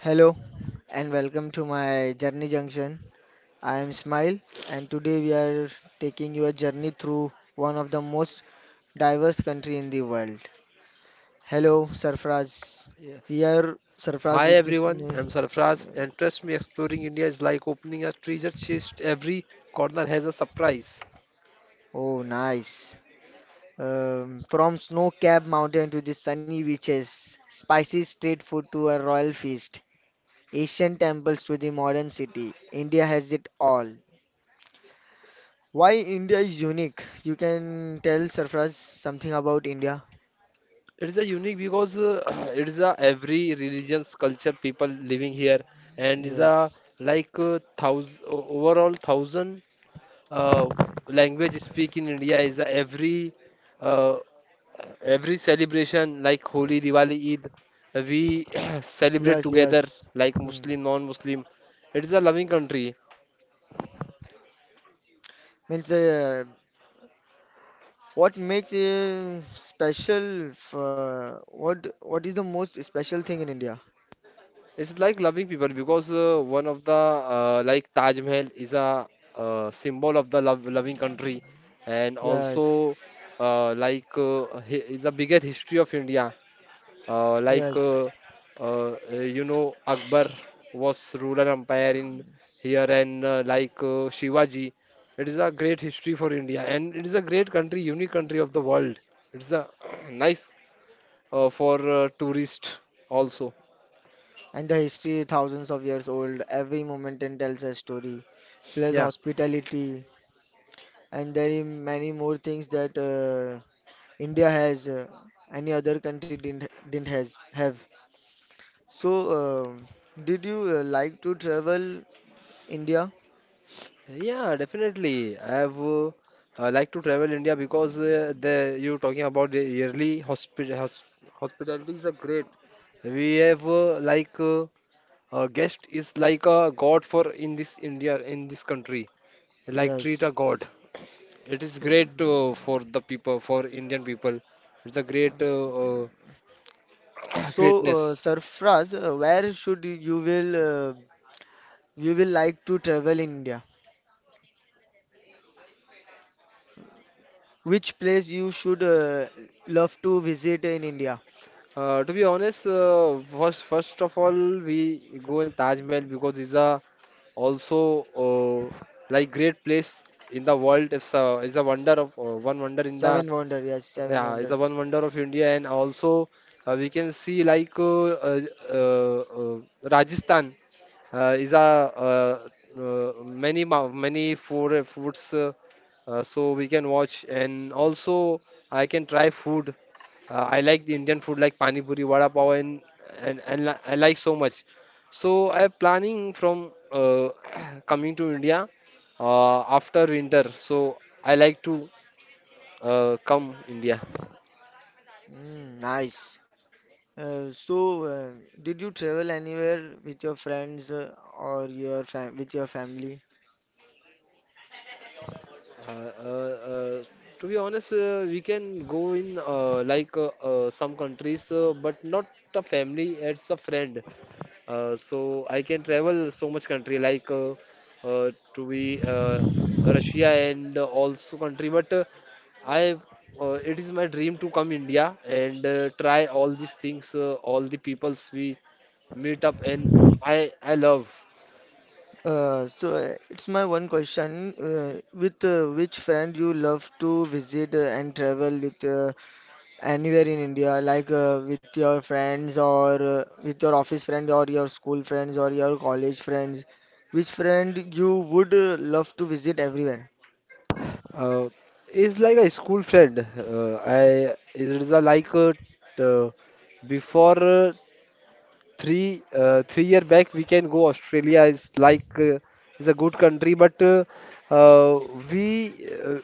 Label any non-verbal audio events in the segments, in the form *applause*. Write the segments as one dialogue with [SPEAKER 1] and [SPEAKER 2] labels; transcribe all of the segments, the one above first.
[SPEAKER 1] Hello and welcome to my Journey Junction. I am Smile and today we are taking your journey through one of the most diverse country in the world. Hello Sarfraz.
[SPEAKER 2] Yes.
[SPEAKER 1] Here Sarfraz
[SPEAKER 2] Hi
[SPEAKER 1] is.
[SPEAKER 2] everyone, I'm Sarfraz, and trust me, exploring India is like opening a treasure chest. Every corner has a surprise.
[SPEAKER 1] Oh, nice. From snow-capped mountain to the sunny beaches, spicy street food to a royal feast, Asian temples to the modern city, India has it all. Why India is unique? You can tell Sarfraz something about India.
[SPEAKER 2] It is a unique because *clears throat* it is a every religion's culture people living here, and is a
[SPEAKER 1] Yes,
[SPEAKER 2] like thousand overall thousand uh, language speak in India is a uh, every celebration like Holi, Diwali, Eid. We *clears throat* celebrate
[SPEAKER 1] yes,
[SPEAKER 2] together
[SPEAKER 1] yes.
[SPEAKER 2] like
[SPEAKER 1] Hmm.
[SPEAKER 2] Muslim, non-Muslim. It is a loving country.
[SPEAKER 1] Means what makes special? F What is the most special thing in India?
[SPEAKER 2] It's like loving people because one of the like Taj Mahal is a symbol of the love loving country, and also
[SPEAKER 1] Yes,
[SPEAKER 2] is a bigger history of India. Uh, like
[SPEAKER 1] yes.
[SPEAKER 2] uh, you know, Akbar was ruler empire in here, and Shivaji, it is a great history for India, and it is a great country, unique country of the world. It's a *clears throat* nice for tourist also.
[SPEAKER 1] And the history, thousands of years old. Every moment and tells a story. Plus hospitality, and there are many more things that India has. Any other country didn't has have. So, um did you like to travel India?
[SPEAKER 2] Yeah, definitely. I like to travel India because the you talking about the yearly hospitality is a great. We have a guest is like a god for in this India in this country. Like treat
[SPEAKER 1] Yes.
[SPEAKER 2] a god. It is great
[SPEAKER 1] Mm.
[SPEAKER 2] for the people for Indian people. It's a great *clears throat*
[SPEAKER 1] So,
[SPEAKER 2] greatness.
[SPEAKER 1] Sarfraz, where should you will like to travel in India? Which place you should love to visit in India?
[SPEAKER 2] To be honest, first of all, we go in Taj Mahal because it's a also like great place in the world. It's a wonder of one wonder in the
[SPEAKER 1] Seven Wonder, yes, Seven
[SPEAKER 2] yeah, it's
[SPEAKER 1] Wonder.
[SPEAKER 2] a one wonder of India, and also we can see like uh, Rajasthan is a many many food foods, so we can watch, and also I can try food. I like the Indian food like pani puri, vada pav, and I like so much. So I'm planning from *clears throat* coming to India after winter. So I like to come India.
[SPEAKER 1] Mm, nice. So, did you travel anywhere with your friends or your fam with your family?
[SPEAKER 2] Uh, uh, uh, to be honest, we can go in some countries, but not a family, it's a friend. So I can travel so much country like to be Russia and also country. But I it is my dream to come India and try all these things, all the peoples we meet up, and I love.
[SPEAKER 1] So it's my one question. With which friend you love to visit and travel with anywhere in India, like with your friends or with your office friend or your school friends or your college friends? Which friend you would love to visit everywhere?
[SPEAKER 2] Uh, is like a school friend. I is it is a like uh, before. 3 year back we can go Australia is like is a good country but uh, we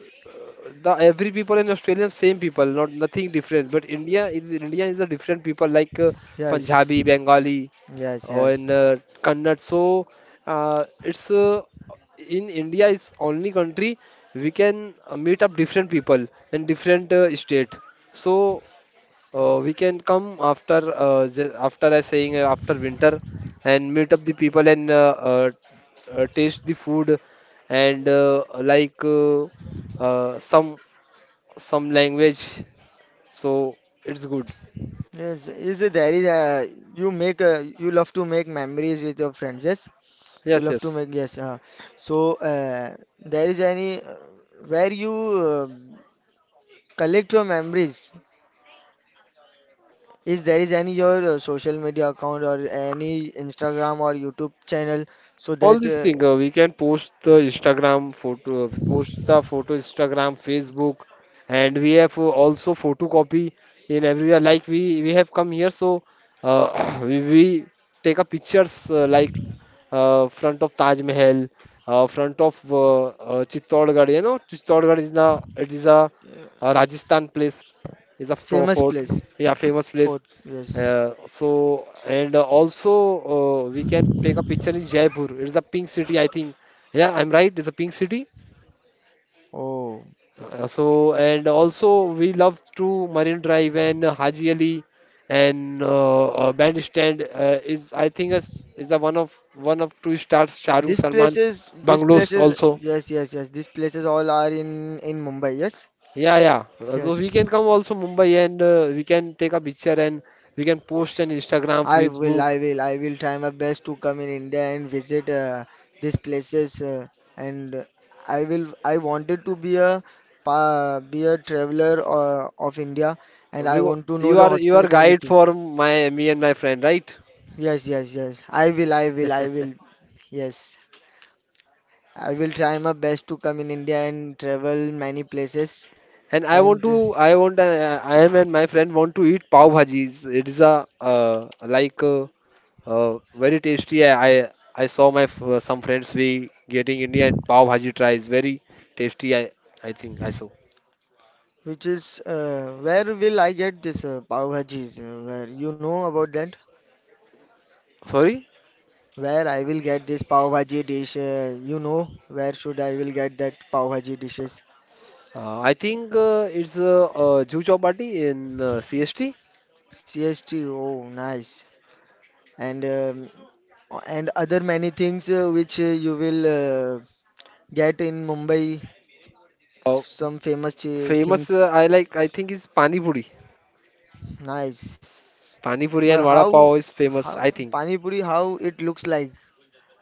[SPEAKER 2] the every people in Australia same people not nothing different but India is a different people like
[SPEAKER 1] Yes,
[SPEAKER 2] Punjabi Bengali
[SPEAKER 1] yes,
[SPEAKER 2] or in
[SPEAKER 1] yes,
[SPEAKER 2] Kannada so it's in India is only country we can meet up different people in different state so we can come after after I saying after winter and meet up the people and taste the food and uh, some some language. So it's good.
[SPEAKER 1] yes. Is it there is you make you love to make memories with your friends? Yes. You
[SPEAKER 2] Yes,
[SPEAKER 1] love to
[SPEAKER 2] yes.
[SPEAKER 1] make, yes. So, there is any where you collect your memories. Is there is any your social media account or any Instagram or YouTube channel so
[SPEAKER 2] All
[SPEAKER 1] that
[SPEAKER 2] these things we can post the instagram photo post the photo instagram facebook and we have also photocopy in everywhere like we have come here so uh, *coughs* *clears throat* we take a pictures like front of Taj Mahal, front of Chittorgarh. You know, Chittorgarh is the it is a, Rajasthan place, is a
[SPEAKER 1] famous
[SPEAKER 2] fort,
[SPEAKER 1] place
[SPEAKER 2] yeah, famous
[SPEAKER 1] for
[SPEAKER 2] place.
[SPEAKER 1] yes.
[SPEAKER 2] So and also we can take a picture in Jaipur. It's a pink city, I think. Yeah, I'm right. It's a pink city.
[SPEAKER 1] Oh,
[SPEAKER 2] So and also we love to Marine Drive and Haji Ali and Bandstand is I think is a one of two stars Shahrukh Salman
[SPEAKER 1] these
[SPEAKER 2] bungalows
[SPEAKER 1] places,
[SPEAKER 2] also.
[SPEAKER 1] yes, yes, yes. These places all are in Mumbai. Yes,
[SPEAKER 2] Yeah, yeah. So we
[SPEAKER 1] yes.
[SPEAKER 2] can come also Mumbai and we can take a picture and we can post on Instagram, Facebook.
[SPEAKER 1] I will try my best to come in India and visit these places. And I wanted to be a pa be a traveler of India, and I
[SPEAKER 2] Because
[SPEAKER 1] want to know the
[SPEAKER 2] you are guide
[SPEAKER 1] hospitality.
[SPEAKER 2] for my me and my friend, right?
[SPEAKER 1] Yes, yes, yes. I will. Yes, I will try my best to come in India and travel many places.
[SPEAKER 2] And I want
[SPEAKER 1] And
[SPEAKER 2] to I want I am and my friend want to eat pav bhajis. It is a very tasty. I saw my some friends we getting Indian pav bhaji tries very tasty. I think I saw.
[SPEAKER 1] which is where will I get this pav bhajis? Where you know about that?
[SPEAKER 2] Sorry,
[SPEAKER 1] Where I will get this pav bhaji dish, you know, where should I will get that pav bhaji dishes?
[SPEAKER 2] I think it's Juhu Chowpatty in CST.
[SPEAKER 1] CST, oh nice. And um, and other many things which you will get in Mumbai,
[SPEAKER 2] Uh,
[SPEAKER 1] some famous
[SPEAKER 2] famous
[SPEAKER 1] things.
[SPEAKER 2] I like I think is Pani Puri.
[SPEAKER 1] Nice.
[SPEAKER 2] Pani Puri
[SPEAKER 1] But
[SPEAKER 2] and Vada
[SPEAKER 1] how
[SPEAKER 2] Pav is famous
[SPEAKER 1] how
[SPEAKER 2] I think.
[SPEAKER 1] pani puri how it looks like?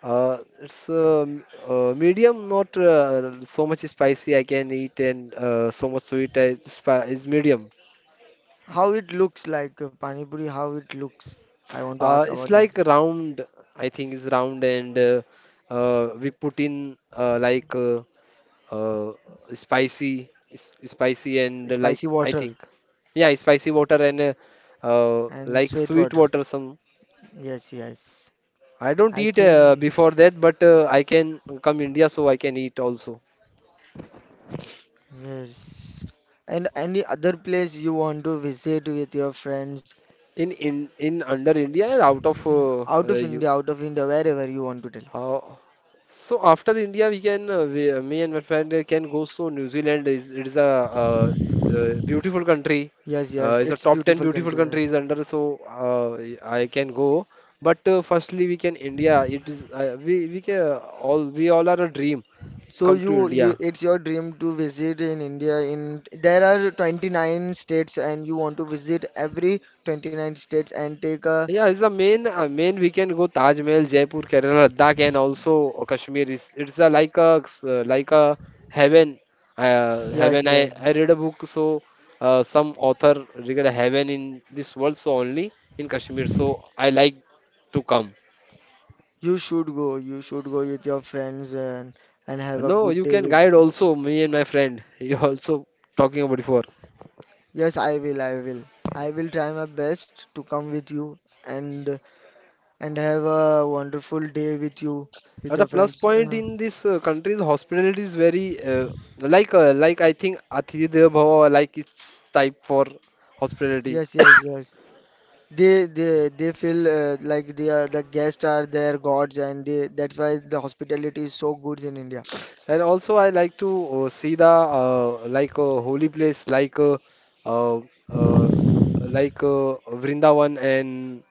[SPEAKER 2] It's medium, not so much spicy I can eat, and so much sweet is medium.
[SPEAKER 1] How it looks like pani puri how it looks? I want to ask
[SPEAKER 2] It's
[SPEAKER 1] about that.
[SPEAKER 2] like round, I think it's round, and we put in uh, spicy, and like
[SPEAKER 1] Spicy
[SPEAKER 2] I
[SPEAKER 1] water
[SPEAKER 2] think, yeah, spicy water and
[SPEAKER 1] and
[SPEAKER 2] like
[SPEAKER 1] sweet
[SPEAKER 2] sweet
[SPEAKER 1] water.
[SPEAKER 2] water. Some
[SPEAKER 1] Yes, yes.
[SPEAKER 2] I don't
[SPEAKER 1] I
[SPEAKER 2] eat
[SPEAKER 1] think.
[SPEAKER 2] before that, but I can come India, so I can eat also.
[SPEAKER 1] Yes. And any other place you want to visit with your friends
[SPEAKER 2] In in under India and out of you
[SPEAKER 1] Out of India, wherever you want to tell.
[SPEAKER 2] how so after India we can me and my friend can go so New Zealand is it is a beautiful country
[SPEAKER 1] Yes, yes,
[SPEAKER 2] is a
[SPEAKER 1] it's
[SPEAKER 2] top 10
[SPEAKER 1] beautiful
[SPEAKER 2] beautiful
[SPEAKER 1] country.
[SPEAKER 2] countries under so uh, I can go but firstly we can India it is we can all we all are a dream
[SPEAKER 1] So
[SPEAKER 2] come to India.
[SPEAKER 1] it's your dream to visit in India. In there are 29 states, and you want to visit every 29 states and take a
[SPEAKER 2] Yeah, it's the main main we can go Taj Mahal, Jaipur, Kerala, Ladakh, and also Kashmir. Like a heaven.
[SPEAKER 1] yes,
[SPEAKER 2] Heaven. I,
[SPEAKER 1] yes.
[SPEAKER 2] I read a book, so some author regard heaven in this world, so only in Kashmir. So I like to come.
[SPEAKER 1] You should go. You should go with your friends and have a
[SPEAKER 2] No,
[SPEAKER 1] good
[SPEAKER 2] you
[SPEAKER 1] day
[SPEAKER 2] can
[SPEAKER 1] with.
[SPEAKER 2] guide also me and my friend. *laughs* You also talking about before.
[SPEAKER 1] Yes, I will. I will. I will try my best to come with you and and have a wonderful day with you, with
[SPEAKER 2] At a
[SPEAKER 1] your
[SPEAKER 2] plus
[SPEAKER 1] friends.
[SPEAKER 2] point in this country, the hospitality is very like I think Atithi Devo Bhava, like it's type for hospitality.
[SPEAKER 1] Yes, yes, yes. They feel like they are the guests are their gods, and they, that's why the hospitality is so good in India.
[SPEAKER 2] And also, I like to see the like a holy place, like uh, uh, like uh, Vrindavan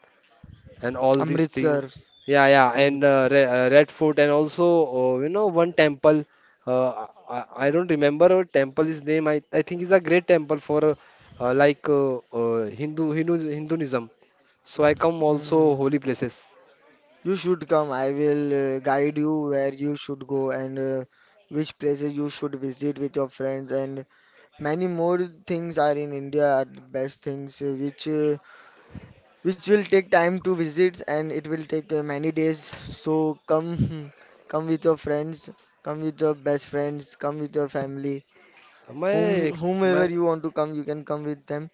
[SPEAKER 2] and all these things.
[SPEAKER 1] Amritsar,
[SPEAKER 2] Yeah, yeah, and
[SPEAKER 1] Amritsar.
[SPEAKER 2] Re Red Fort, and also you know one temple. I don't remember a temple is name. I think is a great temple for Hinduism. So I come
[SPEAKER 1] Hmm.
[SPEAKER 2] also holy places.
[SPEAKER 1] You should come. I will guide you where you should go and which places you should visit with your friends and many more things are in India are the best things which will take time to visit and it will take many days. So come, *laughs* come with your friends, come with your best friends, come with your family,
[SPEAKER 2] My
[SPEAKER 1] whomever
[SPEAKER 2] my
[SPEAKER 1] you want to come, you can come with them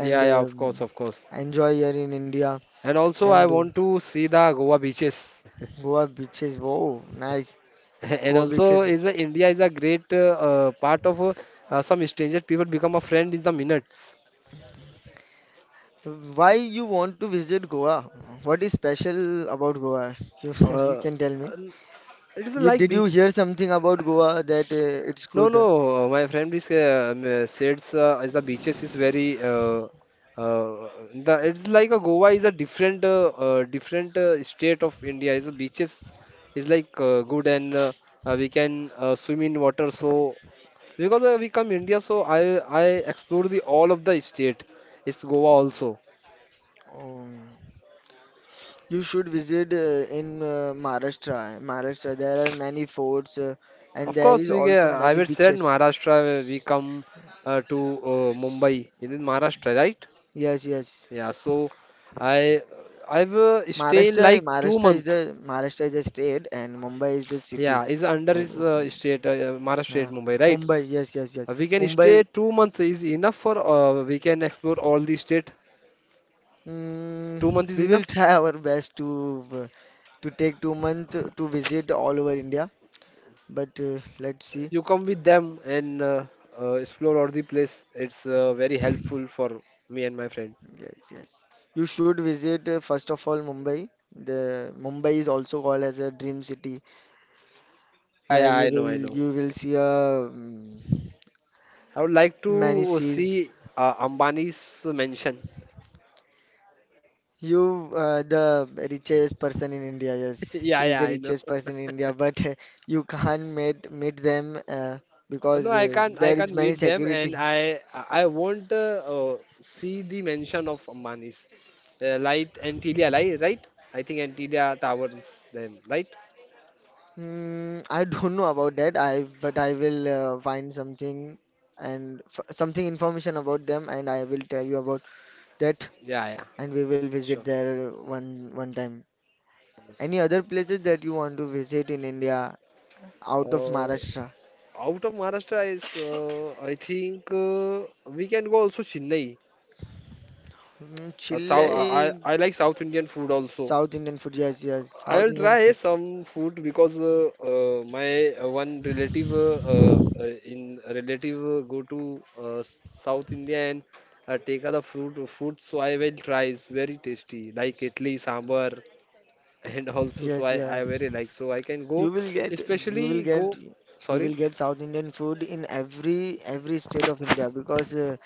[SPEAKER 2] Yeah, yeah, of course, of course.
[SPEAKER 1] enjoy here in India.
[SPEAKER 2] And also, I
[SPEAKER 1] And
[SPEAKER 2] want to see the Goa beaches.
[SPEAKER 1] Goa beaches, wow, nice.
[SPEAKER 2] *laughs* And
[SPEAKER 1] Goa
[SPEAKER 2] also,
[SPEAKER 1] beaches.
[SPEAKER 2] is a, India is a great part of some strangers. People become a friend in the minutes.
[SPEAKER 1] Why you want to visit Goa? What is special about Goa? *laughs* You, you
[SPEAKER 2] Uh,
[SPEAKER 1] can tell me.
[SPEAKER 2] n- it is
[SPEAKER 1] You
[SPEAKER 2] like
[SPEAKER 1] did you
[SPEAKER 2] beach.
[SPEAKER 1] hear something about Goa that it's
[SPEAKER 2] No, no,
[SPEAKER 1] good?
[SPEAKER 2] uh, my friend is says is the beaches is very uh, the it's like a Goa is a different different state of India. Is the beaches is like good and we can swim in water. So because we come India, so I explore the all of the state. It's Goa also.
[SPEAKER 1] Um, You should visit in Maharashtra. Maharashtra, there are many forts and
[SPEAKER 2] Of
[SPEAKER 1] there
[SPEAKER 2] course,
[SPEAKER 1] is
[SPEAKER 2] we get,
[SPEAKER 1] also
[SPEAKER 2] I
[SPEAKER 1] many
[SPEAKER 2] would said
[SPEAKER 1] beaches.
[SPEAKER 2] Maharashtra. We come to Mumbai in Maharashtra, right?
[SPEAKER 1] Yes, yes.
[SPEAKER 2] Yeah. So I I've stay in like two month.
[SPEAKER 1] Maharashtra is a state and Mumbai is the city.
[SPEAKER 2] Yeah, is under
[SPEAKER 1] Uh,
[SPEAKER 2] is
[SPEAKER 1] it's,
[SPEAKER 2] state Maharashtra state
[SPEAKER 1] uh,
[SPEAKER 2] Mumbai, right?
[SPEAKER 1] Mumbai, yes, yes, yes.
[SPEAKER 2] We can stay
[SPEAKER 1] Mumbai.
[SPEAKER 2] 2 months is enough for we can explore all the state. Two
[SPEAKER 1] Mm,
[SPEAKER 2] month is
[SPEAKER 1] we will
[SPEAKER 2] enough.
[SPEAKER 1] *laughs* try our best to take 2 month to visit all over India, but let's see.
[SPEAKER 2] You come with them and explore all the place. It's very helpful for me and my friend.
[SPEAKER 1] Yes, yes. You should visit first of all Mumbai. The Mumbai is also called as a dream city
[SPEAKER 2] Yeah,
[SPEAKER 1] where
[SPEAKER 2] yeah, I know, I know.
[SPEAKER 1] you will see a um,
[SPEAKER 2] I would like
[SPEAKER 1] many
[SPEAKER 2] to
[SPEAKER 1] seas.
[SPEAKER 2] see Ambani's mansion. *laughs*
[SPEAKER 1] You the richest person in India. Yes,
[SPEAKER 2] Yeah,
[SPEAKER 1] he is
[SPEAKER 2] yeah,
[SPEAKER 1] the
[SPEAKER 2] I know.
[SPEAKER 1] richest person in India. But *laughs* you can't meet them
[SPEAKER 2] No,
[SPEAKER 1] because
[SPEAKER 2] I can't. I
[SPEAKER 1] there is
[SPEAKER 2] can't
[SPEAKER 1] many
[SPEAKER 2] meet them, and
[SPEAKER 1] security.
[SPEAKER 2] I won't see the mansion of Ambani's light Antilia light, right? I think Antilia Towers then, right?
[SPEAKER 1] Hmm, I don't know about that. I but I will find something and f something information about them and I will tell you about that
[SPEAKER 2] Yeah, yeah,
[SPEAKER 1] and we will visit
[SPEAKER 2] sure.
[SPEAKER 1] there one time. Any other places that you want to visit in India out of
[SPEAKER 2] Uh,
[SPEAKER 1] Maharashtra?
[SPEAKER 2] out of Maharashtra is I think we can go also Chennai.
[SPEAKER 1] Mm,
[SPEAKER 2] South, I,
[SPEAKER 1] Chile,
[SPEAKER 2] I I like South Indian food also.
[SPEAKER 1] South Indian food. Yes, yes, South
[SPEAKER 2] I'll
[SPEAKER 1] Indian
[SPEAKER 2] try
[SPEAKER 1] food.
[SPEAKER 2] some food because my one relative in relative go to South India and take out the fruit food. So I will try. It's very tasty, like idli, sambar, *laughs* and also so
[SPEAKER 1] Yes, yes.
[SPEAKER 2] I very like. So I can
[SPEAKER 1] You
[SPEAKER 2] go,
[SPEAKER 1] will get you
[SPEAKER 2] especially
[SPEAKER 1] will get
[SPEAKER 2] go.
[SPEAKER 1] you
[SPEAKER 2] Sorry,
[SPEAKER 1] will get South Indian food in every state of India because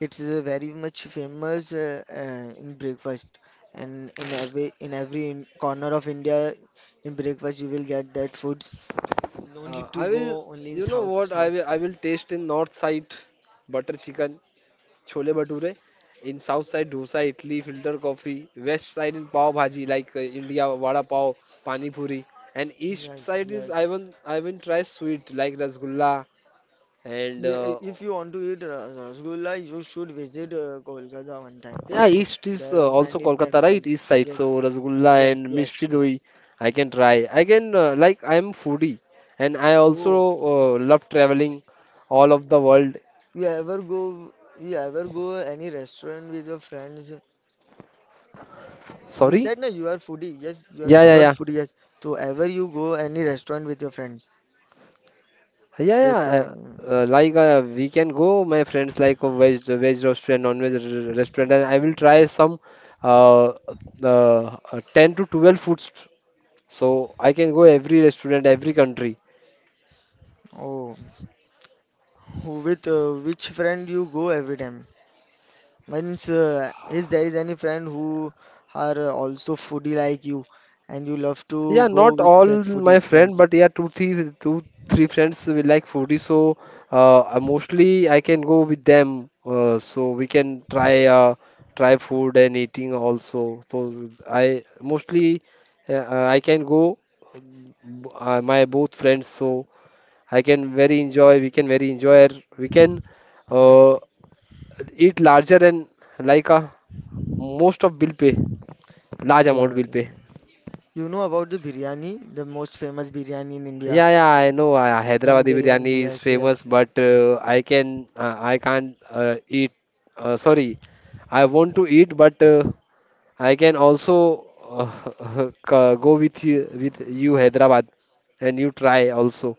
[SPEAKER 1] it's very much famous in breakfast and in every in every in corner of India in breakfast you will get that food. No need to
[SPEAKER 2] I will.
[SPEAKER 1] go only in
[SPEAKER 2] You know
[SPEAKER 1] South
[SPEAKER 2] what?
[SPEAKER 1] South.
[SPEAKER 2] I will taste in north side butter chicken Chole Bhature. In south side, dosa, idli, filter coffee. West side in pav bhaji, like India, vada pav, pani puri. And east
[SPEAKER 1] Yes,
[SPEAKER 2] side is
[SPEAKER 1] yes.
[SPEAKER 2] I even try sweet like rasgulla and
[SPEAKER 1] Yeah, if you want to eat rasgulla, you should visit Kolkata one time.
[SPEAKER 2] yeah, east is
[SPEAKER 1] There are
[SPEAKER 2] also
[SPEAKER 1] many
[SPEAKER 2] Kolkata, right?
[SPEAKER 1] temples.
[SPEAKER 2] East side, so
[SPEAKER 1] Yes,
[SPEAKER 2] rasgulla
[SPEAKER 1] yes,
[SPEAKER 2] and
[SPEAKER 1] yes,
[SPEAKER 2] mishti
[SPEAKER 1] yes.
[SPEAKER 2] doi I can try. I can like I am foodie and I also
[SPEAKER 1] Oh,
[SPEAKER 2] love traveling all of the world.
[SPEAKER 1] you ever go? You ever go any restaurant with your friends? You
[SPEAKER 2] Sorry?
[SPEAKER 1] said na you are foodie. Yes,
[SPEAKER 2] Yeah, yeah,
[SPEAKER 1] you are
[SPEAKER 2] yeah.
[SPEAKER 1] foodie. Yes. So ever you go any restaurant with your friends?
[SPEAKER 2] Yeah, yeah.
[SPEAKER 1] With
[SPEAKER 2] Like we can go, my friends, like a veg restaurant, restaurant, and I will try some uh, 10 to 12 foods. So I can go every restaurant, every country.
[SPEAKER 1] oh, who with which friend you go every time? Means, is there is any friend who are also foodie like you, and you love to
[SPEAKER 2] Yeah,
[SPEAKER 1] go
[SPEAKER 2] not
[SPEAKER 1] with
[SPEAKER 2] all
[SPEAKER 1] that foodie
[SPEAKER 2] my friend,
[SPEAKER 1] friends?
[SPEAKER 2] but yeah, two, three friends will like foodie, so mostly I can go with them. So we can try try food and eating also. So I mostly I can go um, my both friends, so I can very enjoy. We can very enjoy. We can uh, eat larger and like a most of bill pay large
[SPEAKER 1] Yeah,
[SPEAKER 2] amount bill pay.
[SPEAKER 1] you know about the biryani, the most famous biryani in India,
[SPEAKER 2] Yeah, yeah, I know.
[SPEAKER 1] dum
[SPEAKER 2] Hyderabadi
[SPEAKER 1] biryani.
[SPEAKER 2] biryani is
[SPEAKER 1] Yes, yes.
[SPEAKER 2] famous, but I can't eat. Sorry, I want to eat, but I can also *laughs* go with you Hyderabad, and you try also.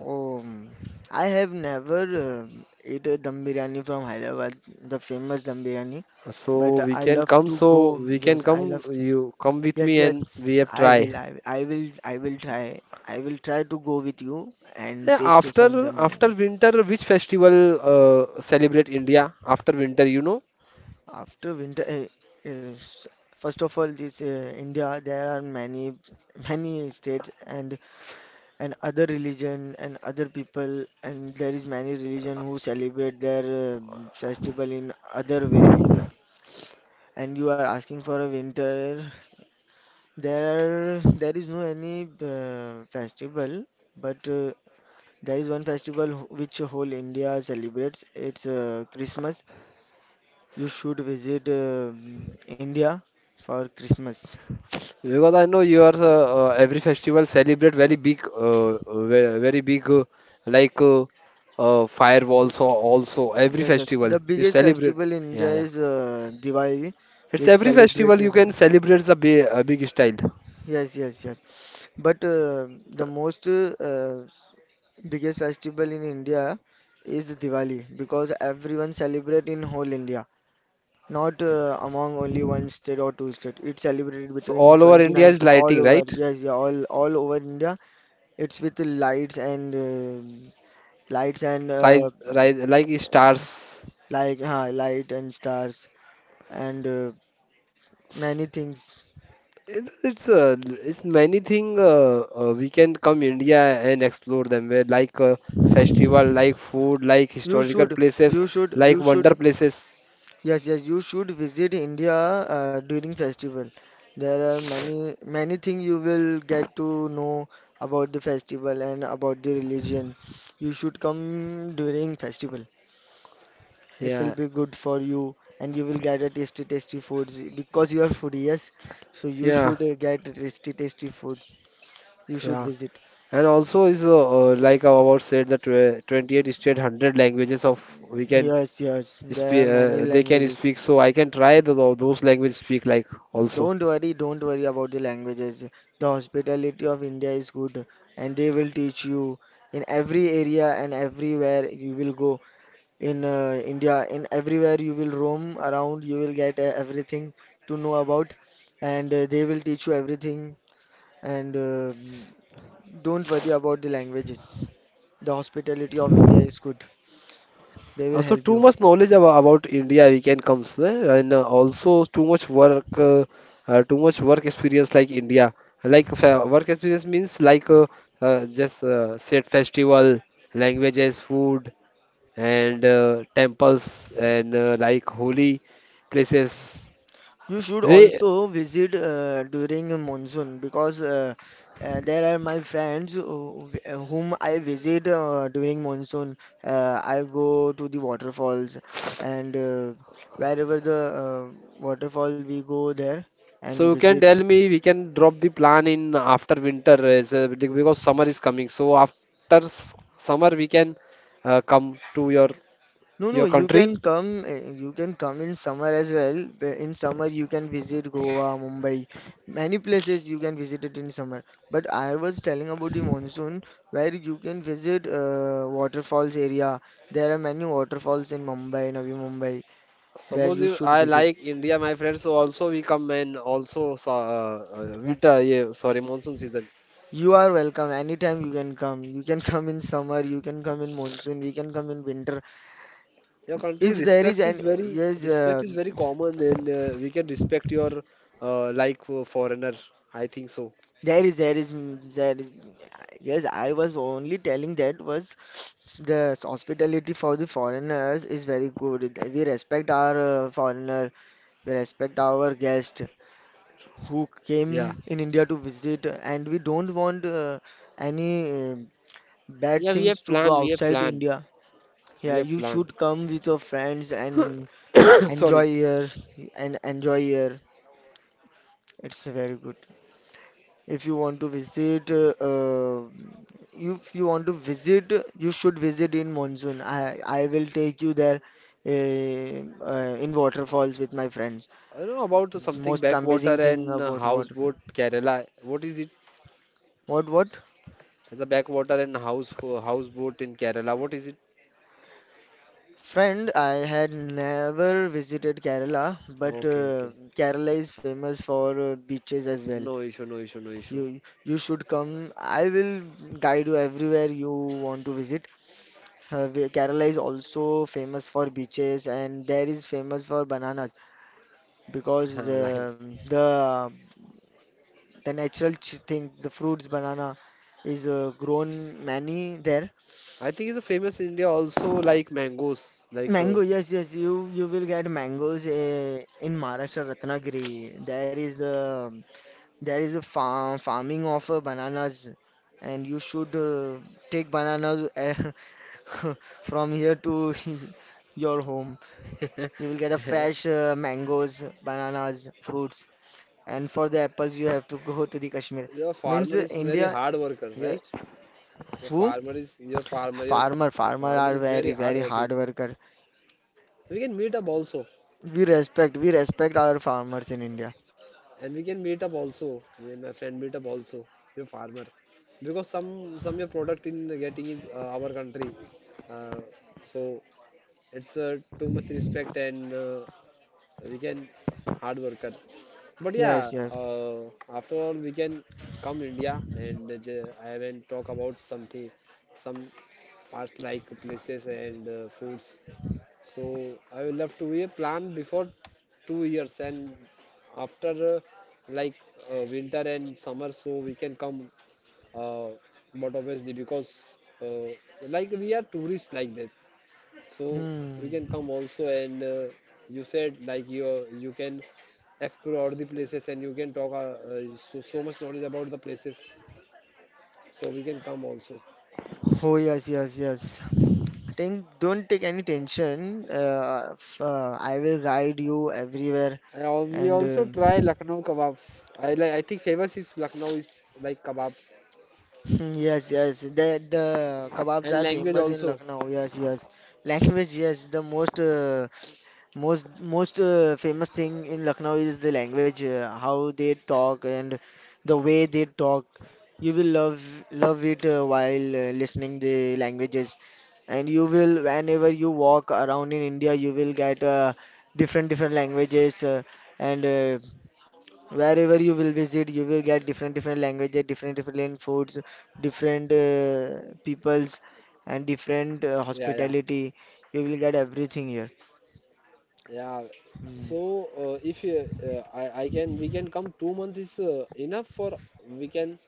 [SPEAKER 1] Oh, mm, I have never uh, ate a dum biryani from Hyderabad, the famous dum biryani,
[SPEAKER 2] So
[SPEAKER 1] but
[SPEAKER 2] we
[SPEAKER 1] I
[SPEAKER 2] can
[SPEAKER 1] love
[SPEAKER 2] come.
[SPEAKER 1] to
[SPEAKER 2] So
[SPEAKER 1] go.
[SPEAKER 2] we can
[SPEAKER 1] Yes, I
[SPEAKER 2] come.
[SPEAKER 1] love.
[SPEAKER 2] You come with
[SPEAKER 1] Yes,
[SPEAKER 2] me, and
[SPEAKER 1] yes.
[SPEAKER 2] we have
[SPEAKER 1] I
[SPEAKER 2] try.
[SPEAKER 1] will. I will. I will try. I will try to go with you and
[SPEAKER 2] Yeah,
[SPEAKER 1] taste some
[SPEAKER 2] after
[SPEAKER 1] dum
[SPEAKER 2] after
[SPEAKER 1] biryani.
[SPEAKER 2] winter, which festival celebrate India after winter? You know?
[SPEAKER 1] After winter eh, is first of all this India there are many states and other religion and other people and there is many religion who celebrate their festival in other way and you are asking for a winter there there is no any festival but there is one festival which whole India celebrates it's Christmas. You should visit India for Christmas.
[SPEAKER 2] Because I know you are every festival celebrate very big, very big, like uh, firewalls or also every
[SPEAKER 1] Yes, yes.
[SPEAKER 2] festival
[SPEAKER 1] The
[SPEAKER 2] you
[SPEAKER 1] biggest
[SPEAKER 2] celebrate.
[SPEAKER 1] festival in
[SPEAKER 2] Yeah,
[SPEAKER 1] India
[SPEAKER 2] yeah.
[SPEAKER 1] is Diwali,
[SPEAKER 2] It's
[SPEAKER 1] which
[SPEAKER 2] every
[SPEAKER 1] celebrate.
[SPEAKER 2] festival you can celebrate the big, big style.
[SPEAKER 1] Yes, yes, yes. But the most biggest festival in India is Diwali because everyone celebrate in whole India, not among only one state or two state. It's celebrated
[SPEAKER 2] So
[SPEAKER 1] between
[SPEAKER 2] all over India
[SPEAKER 1] 29
[SPEAKER 2] is
[SPEAKER 1] all
[SPEAKER 2] lighting,
[SPEAKER 1] over.
[SPEAKER 2] right?
[SPEAKER 1] Yes, yeah, all over India. It's with the lights and lights and
[SPEAKER 2] Rise like stars.
[SPEAKER 1] like light and stars and many
[SPEAKER 2] S-
[SPEAKER 1] things.
[SPEAKER 2] It, it's uh, it's many thing we can come India and explore them where like festival, like food, like
[SPEAKER 1] You
[SPEAKER 2] historical
[SPEAKER 1] should,
[SPEAKER 2] places, like
[SPEAKER 1] you
[SPEAKER 2] wonder
[SPEAKER 1] should.
[SPEAKER 2] places.
[SPEAKER 1] Yes, yes, you should visit India during festival. There are many things you will get to know about the festival and about the religion. You should come during festival. It will
[SPEAKER 2] Yeah,
[SPEAKER 1] be good for you and you will get a tasty tasty foods because you are foodie, yes. So you
[SPEAKER 2] yeah,
[SPEAKER 1] should get tasty tasty foods. You should
[SPEAKER 2] yeah.
[SPEAKER 1] visit.
[SPEAKER 2] And also is like our said that 28 state 100 languages of we can
[SPEAKER 1] Yes, yes, there
[SPEAKER 2] speak
[SPEAKER 1] are many
[SPEAKER 2] they can
[SPEAKER 1] languages.
[SPEAKER 2] speak, so I can try the, those language speak like also.
[SPEAKER 1] Don't worry about the languages. The hospitality of India is good, and they will teach you in every area and everywhere you will go in India. In everywhere you will roam around, you will get everything to know about, and they will teach you everything. And don't worry about the languages. The hospitality of India is good. They will
[SPEAKER 2] Also
[SPEAKER 1] help
[SPEAKER 2] too
[SPEAKER 1] you.
[SPEAKER 2] much knowledge about India we can comes eh? And also too much work experience like India like work experience means like just said festival, languages, food and temples and like holy places.
[SPEAKER 1] You should
[SPEAKER 2] We
[SPEAKER 1] also visit during a monsoon because there are my friends who, whom I visit during monsoon. I go to the waterfalls and wherever the waterfall we go there
[SPEAKER 2] So
[SPEAKER 1] and
[SPEAKER 2] you can
[SPEAKER 1] visit.
[SPEAKER 2] tell me we can drop the plan in after winter as because summer is coming. So after summer we can come to
[SPEAKER 1] No, no,
[SPEAKER 2] your country.
[SPEAKER 1] you can come in summer as well. In summer, you can visit Goa, Mumbai, many places you can visit it in summer. But I was telling about the monsoon, where you can visit waterfalls area. There are many waterfalls in Mumbai, Navi Mumbai, there
[SPEAKER 2] Suppose
[SPEAKER 1] you
[SPEAKER 2] if
[SPEAKER 1] should
[SPEAKER 2] I
[SPEAKER 1] visit.
[SPEAKER 2] like India, my friend, so also we come and also monsoon season.
[SPEAKER 1] You are welcome anytime you can come. You can *laughs* come in summer, you can come in monsoon, you can come in winter.
[SPEAKER 2] Your country
[SPEAKER 1] If there is any, yes,
[SPEAKER 2] respect is very common, and we can respect your foreigner. I think so.
[SPEAKER 1] there is, there is. Yes, I was only telling that was the hospitality for the foreigners is very good. We respect our foreigner, we respect our guest who
[SPEAKER 2] Yeah,
[SPEAKER 1] came in India to visit, and we don't want any uh, bad
[SPEAKER 2] yeah, we
[SPEAKER 1] things
[SPEAKER 2] have
[SPEAKER 1] to go
[SPEAKER 2] plan, we have
[SPEAKER 1] outside
[SPEAKER 2] plan,
[SPEAKER 1] India. Yeah,
[SPEAKER 2] we have
[SPEAKER 1] you
[SPEAKER 2] plan.
[SPEAKER 1] should come with your friends and
[SPEAKER 2] *coughs*
[SPEAKER 1] enjoy
[SPEAKER 2] Sorry,
[SPEAKER 1] here and enjoy here. It's very good. If you want to if you want to visit, you should visit in monsoon. I will take you there, in waterfalls with my friends.
[SPEAKER 2] I know about something
[SPEAKER 1] Most amazing
[SPEAKER 2] backwater
[SPEAKER 1] thing
[SPEAKER 2] and
[SPEAKER 1] about waterfall.
[SPEAKER 2] houseboat Kerala. What is it?
[SPEAKER 1] What?
[SPEAKER 2] It's a backwater and houseboat in Kerala. What is it?
[SPEAKER 1] Friend, I had never visited Kerala, but
[SPEAKER 2] Okay, okay.
[SPEAKER 1] Kerala is famous for beaches as well.
[SPEAKER 2] No issue, no issue, no issue.
[SPEAKER 1] You should come. I will guide you everywhere you want to visit. Kerala is also famous for beaches and there is famous for bananas because
[SPEAKER 2] *laughs* Like,
[SPEAKER 1] the, the natural thing, the fruits banana is grown many there.
[SPEAKER 2] I think it's a famous in India also like mangoes. Like,
[SPEAKER 1] Mango, yes, yes, you will get mangoes in Maharashtra, Ratnagiri. There is a farming of bananas and you should take bananas *laughs* from here to *laughs* your home. You will get a fresh mangoes, bananas, fruits, and for the apples you have to go to the Kashmir.
[SPEAKER 2] *laughs* your
[SPEAKER 1] Means
[SPEAKER 2] farmer is very
[SPEAKER 1] India,
[SPEAKER 2] hard worker,
[SPEAKER 1] yeah,
[SPEAKER 2] right? Your
[SPEAKER 1] who?
[SPEAKER 2] farmer is your farmer.
[SPEAKER 1] Farmer,
[SPEAKER 2] Your
[SPEAKER 1] farmer
[SPEAKER 2] farmer
[SPEAKER 1] are
[SPEAKER 2] is very
[SPEAKER 1] very
[SPEAKER 2] hard
[SPEAKER 1] very hard
[SPEAKER 2] working.
[SPEAKER 1] worker.
[SPEAKER 2] We can meet up also.
[SPEAKER 1] We respect our farmers in India.
[SPEAKER 2] And we can meet up also. Me and my friend meet up also. Your farmer, because some your product in getting is our country, uh, so it's too much respect and we can hard worker. But
[SPEAKER 1] Yes,
[SPEAKER 2] yeah,
[SPEAKER 1] yes.
[SPEAKER 2] after all we can come India and I will talk about something, some parts like places and foods, so I will have to be a plan before 2 years and after like winter and summer so we can come, uh, but obviously because like we are tourists like this, so we
[SPEAKER 1] Hmm.
[SPEAKER 2] can come also and you said like you can explore all the places and you can talk so, so much knowledge about the places, so we can come also.
[SPEAKER 1] Oh yes, yes, yes. Think, don't take any tension. I will guide you everywhere,
[SPEAKER 2] We
[SPEAKER 1] and
[SPEAKER 2] also try Lucknow kebabs. I like, I think famous is Lucknow is like kebabs.
[SPEAKER 1] hmm, yes, yes. The kebabs
[SPEAKER 2] And
[SPEAKER 1] are
[SPEAKER 2] language
[SPEAKER 1] famous in
[SPEAKER 2] also.
[SPEAKER 1] Lucknow. Yes, yes. Language, yes. The most famous thing in Lucknow is the language, how they talk and the way they talk. You will love it while listening the languages, and you will whenever you walk around in India, you will get different different languages and wherever you will visit you will get different different languages different different foods different peoples and different
[SPEAKER 2] Yeah, yeah,
[SPEAKER 1] hospitality you will get everything here.
[SPEAKER 2] yeah,
[SPEAKER 1] Hmm.
[SPEAKER 2] so if you, I can we can come 2 months is enough for we can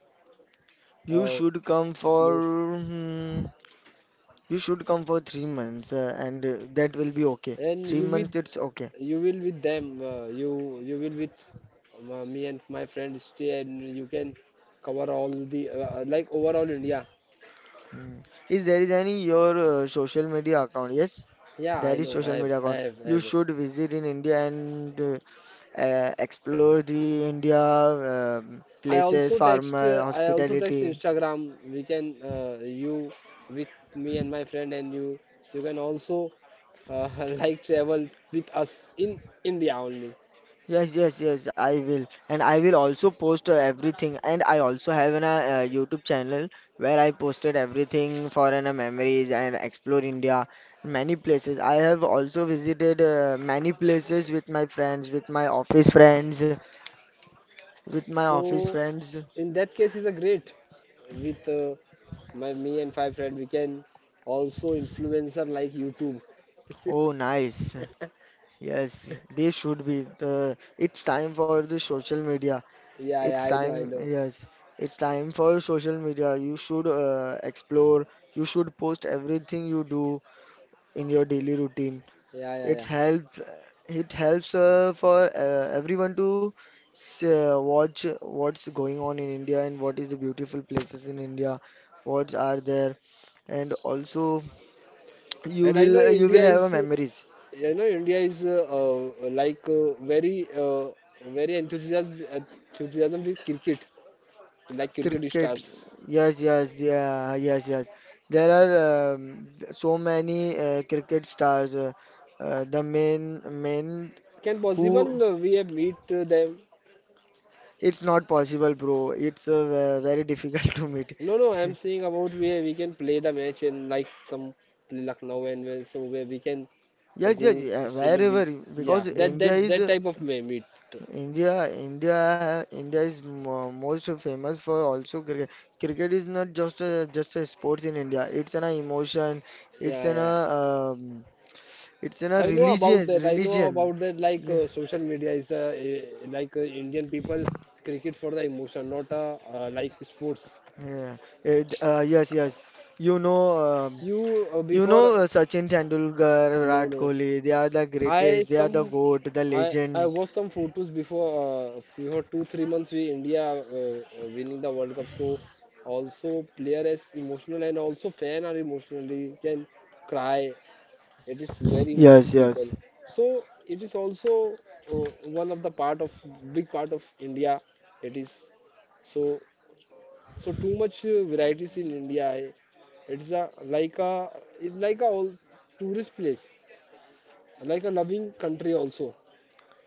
[SPEAKER 1] You
[SPEAKER 2] uh,
[SPEAKER 1] should come
[SPEAKER 2] explore
[SPEAKER 1] for you should come for 3 months and that will be okay,
[SPEAKER 2] and
[SPEAKER 1] three
[SPEAKER 2] you with
[SPEAKER 1] months it's okay.
[SPEAKER 2] you will with them you will with me and my friend stay and you can cover all the like overall India.
[SPEAKER 1] Hmm. Is there is any your social media account? Yes,
[SPEAKER 2] Yeah,
[SPEAKER 1] there
[SPEAKER 2] I
[SPEAKER 1] is
[SPEAKER 2] know, I
[SPEAKER 1] social
[SPEAKER 2] have
[SPEAKER 1] media
[SPEAKER 2] I
[SPEAKER 1] account.
[SPEAKER 2] have I
[SPEAKER 1] You
[SPEAKER 2] have.
[SPEAKER 1] should visit in India and explore the India places, farmer,
[SPEAKER 2] I also text
[SPEAKER 1] hospitality.
[SPEAKER 2] Instagram, we can you with me and my friend and you can also uh, *laughs* like travel with us in India only.
[SPEAKER 1] Yes, yes, yes, I will. And I will also post everything. And I also have an YouTube channel where I posted everything for memories and explore India, many places. I have also visited many places with my friends, with my with my office
[SPEAKER 2] So
[SPEAKER 1] friends.
[SPEAKER 2] in that case, is a great with my me and five friend. We can also influencer like YouTube.
[SPEAKER 1] Oh,
[SPEAKER 2] *laughs*
[SPEAKER 1] nice. Yes, they should be. It's time for the social media.
[SPEAKER 2] Yeah,
[SPEAKER 1] It's
[SPEAKER 2] yeah, I know, I
[SPEAKER 1] time,
[SPEAKER 2] know.
[SPEAKER 1] yes, it's time for social media. You should explore. You should post everything you do in your daily routine.
[SPEAKER 2] Yeah, yeah,
[SPEAKER 1] It
[SPEAKER 2] yeah.
[SPEAKER 1] helps. It helps for everyone to watch what's going on in India and what is the beautiful places in India, what are there, and also
[SPEAKER 2] And I know
[SPEAKER 1] you will
[SPEAKER 2] India
[SPEAKER 1] have a
[SPEAKER 2] is,
[SPEAKER 1] memories.
[SPEAKER 2] you know, India is very enthusiasm, enthusiasm with cricket, like cricket
[SPEAKER 1] Cricket,
[SPEAKER 2] stars.
[SPEAKER 1] yes, yes, yeah, yes, yes. There are so many cricket stars. The main men
[SPEAKER 2] Can
[SPEAKER 1] who,
[SPEAKER 2] possible we have meet them?
[SPEAKER 1] it's not possible, bro. It's very difficult *laughs* to meet.
[SPEAKER 2] No, no, I'm
[SPEAKER 1] *laughs*
[SPEAKER 2] saying about where we can play the match in like some Lucknow and where, so where we can
[SPEAKER 1] Yes, yes,
[SPEAKER 2] go
[SPEAKER 1] yeah,
[SPEAKER 2] straight up.
[SPEAKER 1] wherever,
[SPEAKER 2] Yeah,
[SPEAKER 1] because
[SPEAKER 2] that that that type of meet.
[SPEAKER 1] India, India is mo most famous for also cricket. Cricket is not just a sports in India. It's an emotion. It's
[SPEAKER 2] Yeah,
[SPEAKER 1] an
[SPEAKER 2] yeah.
[SPEAKER 1] it's in a
[SPEAKER 2] I know about
[SPEAKER 1] religious
[SPEAKER 2] that. I know
[SPEAKER 1] religion.
[SPEAKER 2] about that. Like
[SPEAKER 1] Yeah,
[SPEAKER 2] social media is Indian people cricket for the emotion, not like sports.
[SPEAKER 1] yeah. Yes, yes. You know, um,
[SPEAKER 2] You
[SPEAKER 1] you
[SPEAKER 2] before
[SPEAKER 1] know Sachin Tendulkar,
[SPEAKER 2] No,
[SPEAKER 1] Virat
[SPEAKER 2] no,
[SPEAKER 1] Kohli. They are the
[SPEAKER 2] I
[SPEAKER 1] greatest. They are the
[SPEAKER 2] some
[SPEAKER 1] goat, the
[SPEAKER 2] I I
[SPEAKER 1] legend.
[SPEAKER 2] watched some photos before 2 3 months we India winning the World Cup. So also player is emotional and also fan are emotionally can cry. It is very emotional
[SPEAKER 1] Yes, yes,
[SPEAKER 2] people. So it is also uh, one of the part of big part of India. It is so so too much varieties in India. It's a like a like a all tourist place, like a loving country also.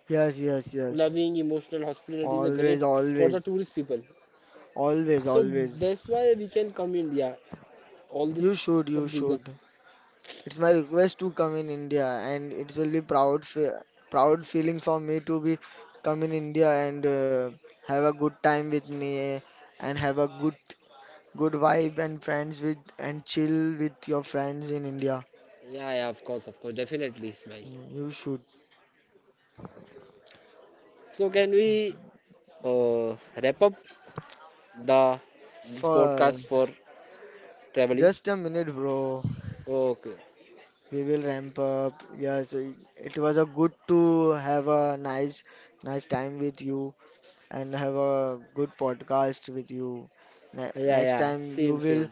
[SPEAKER 1] yes, yes, yes.
[SPEAKER 2] Loving emotional hospitality is a
[SPEAKER 1] Always,
[SPEAKER 2] great for the
[SPEAKER 1] always,
[SPEAKER 2] tourist people,
[SPEAKER 1] always,
[SPEAKER 2] so
[SPEAKER 1] always.
[SPEAKER 2] that's why we can come India all this
[SPEAKER 1] You should,
[SPEAKER 2] some
[SPEAKER 1] you
[SPEAKER 2] reason.
[SPEAKER 1] should. It's my request to come in India, and it will be proud, fe proud feeling for me to be come in India and have a good time with me and have a good good vibe and friends with and chill with your friends in India.
[SPEAKER 2] Yeah, yeah, of course, definitely, Ismail.
[SPEAKER 1] Mm, you should.
[SPEAKER 2] So can we uh, wrap up the this
[SPEAKER 1] For
[SPEAKER 2] podcast for traveling?
[SPEAKER 1] just a minute, bro.
[SPEAKER 2] Okay.
[SPEAKER 1] We will ramp up. Yes, it was a good to have a nice, nice time with you and have a good podcast with you.
[SPEAKER 2] Yeah,
[SPEAKER 1] Next
[SPEAKER 2] yeah,
[SPEAKER 1] time you
[SPEAKER 2] same,
[SPEAKER 1] will,
[SPEAKER 2] same.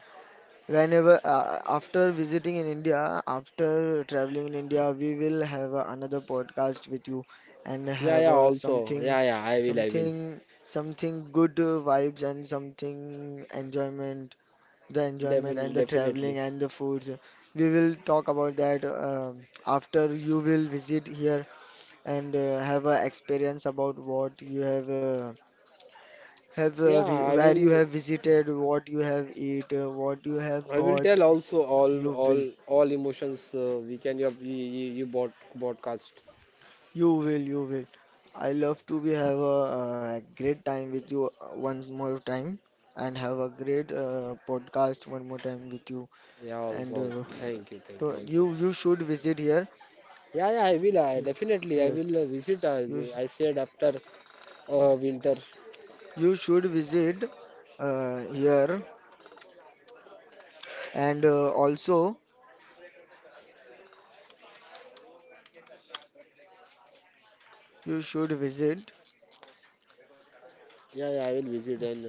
[SPEAKER 1] whenever after visiting in India, after traveling in India, we will have another podcast with you and
[SPEAKER 2] Yeah, yeah,
[SPEAKER 1] have
[SPEAKER 2] also. Yeah, yeah, I will.
[SPEAKER 1] something good vibes and something enjoyment, the enjoyment
[SPEAKER 2] Definitely,
[SPEAKER 1] and the
[SPEAKER 2] definitely.
[SPEAKER 1] traveling and the foods. We will talk about that after you will visit here and have a experience about what you have.
[SPEAKER 2] Yeah, i
[SPEAKER 1] Where you
[SPEAKER 2] will
[SPEAKER 1] have visited, what you have eat, what you have
[SPEAKER 2] i will tell
[SPEAKER 1] got,
[SPEAKER 2] also
[SPEAKER 1] you
[SPEAKER 2] all
[SPEAKER 1] will.
[SPEAKER 2] all emotions, we can you you, you bought broadcast.
[SPEAKER 1] You will, you will. I love to be have a, great time with you one more time and have a great podcast one more time with you.
[SPEAKER 2] Yeah, also,
[SPEAKER 1] And
[SPEAKER 2] also. Thank you also.
[SPEAKER 1] you you should visit here.
[SPEAKER 2] Yeah, yeah, I will. I
[SPEAKER 1] Ye-
[SPEAKER 2] definitely I
[SPEAKER 1] Yes,
[SPEAKER 2] will visit. As
[SPEAKER 1] you sh
[SPEAKER 2] I said after winter.
[SPEAKER 1] you should visit here and also you should visit
[SPEAKER 2] Yeah, yeah, I will visit. And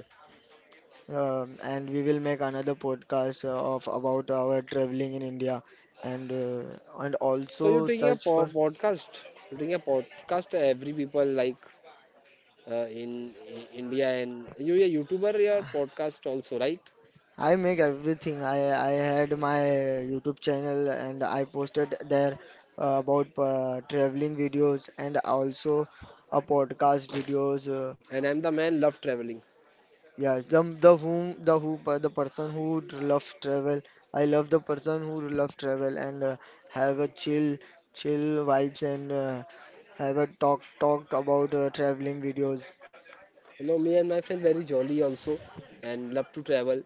[SPEAKER 1] and we will make another podcast of about our traveling in India and
[SPEAKER 2] so you're
[SPEAKER 1] also
[SPEAKER 2] doing a
[SPEAKER 1] search
[SPEAKER 2] po
[SPEAKER 1] for,
[SPEAKER 2] podcast. You're doing a podcast. Every people like in India and you're a YouTuber. Your podcast also, right?
[SPEAKER 1] I make everything. I had my YouTube channel and I posted there about traveling videos and also a podcast videos.
[SPEAKER 2] And I'm the man. Love traveling.
[SPEAKER 1] Yeah, the whom the who, the person who loves travel. I love the person who loves travel and have a chill vibes and have a talk about traveling videos.
[SPEAKER 2] You know, me and my friend very jolly also and love to travel.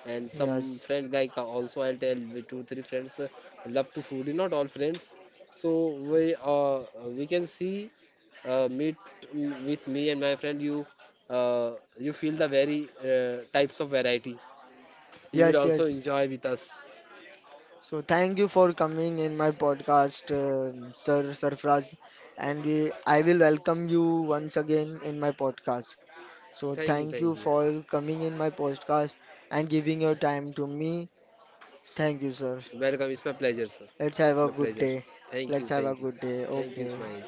[SPEAKER 2] And some
[SPEAKER 1] Yes,
[SPEAKER 2] friend like also I'll tell we 2 3 friends love to food. Not all friends. So we uh, we can see meet mm, with me and my friend. You you feel the very types of variety. You will
[SPEAKER 1] yes,
[SPEAKER 2] also
[SPEAKER 1] yes.
[SPEAKER 2] enjoy with us.
[SPEAKER 1] So thank you for coming in my podcast, Sir Sarfraz, and I will welcome you once again in my podcast. So
[SPEAKER 2] Thank you,
[SPEAKER 1] thank you
[SPEAKER 2] thank you.
[SPEAKER 1] for coming in my podcast and giving your time to me. Thank you, sir.
[SPEAKER 2] Welcome. It's my pleasure, sir.
[SPEAKER 1] Let's have
[SPEAKER 2] It's my
[SPEAKER 1] a good
[SPEAKER 2] pleasure.
[SPEAKER 1] day.
[SPEAKER 2] Thank you,
[SPEAKER 1] Let's have
[SPEAKER 2] thank
[SPEAKER 1] a
[SPEAKER 2] you,
[SPEAKER 1] good day.
[SPEAKER 2] thank you,
[SPEAKER 1] Okay.
[SPEAKER 2] Ismail.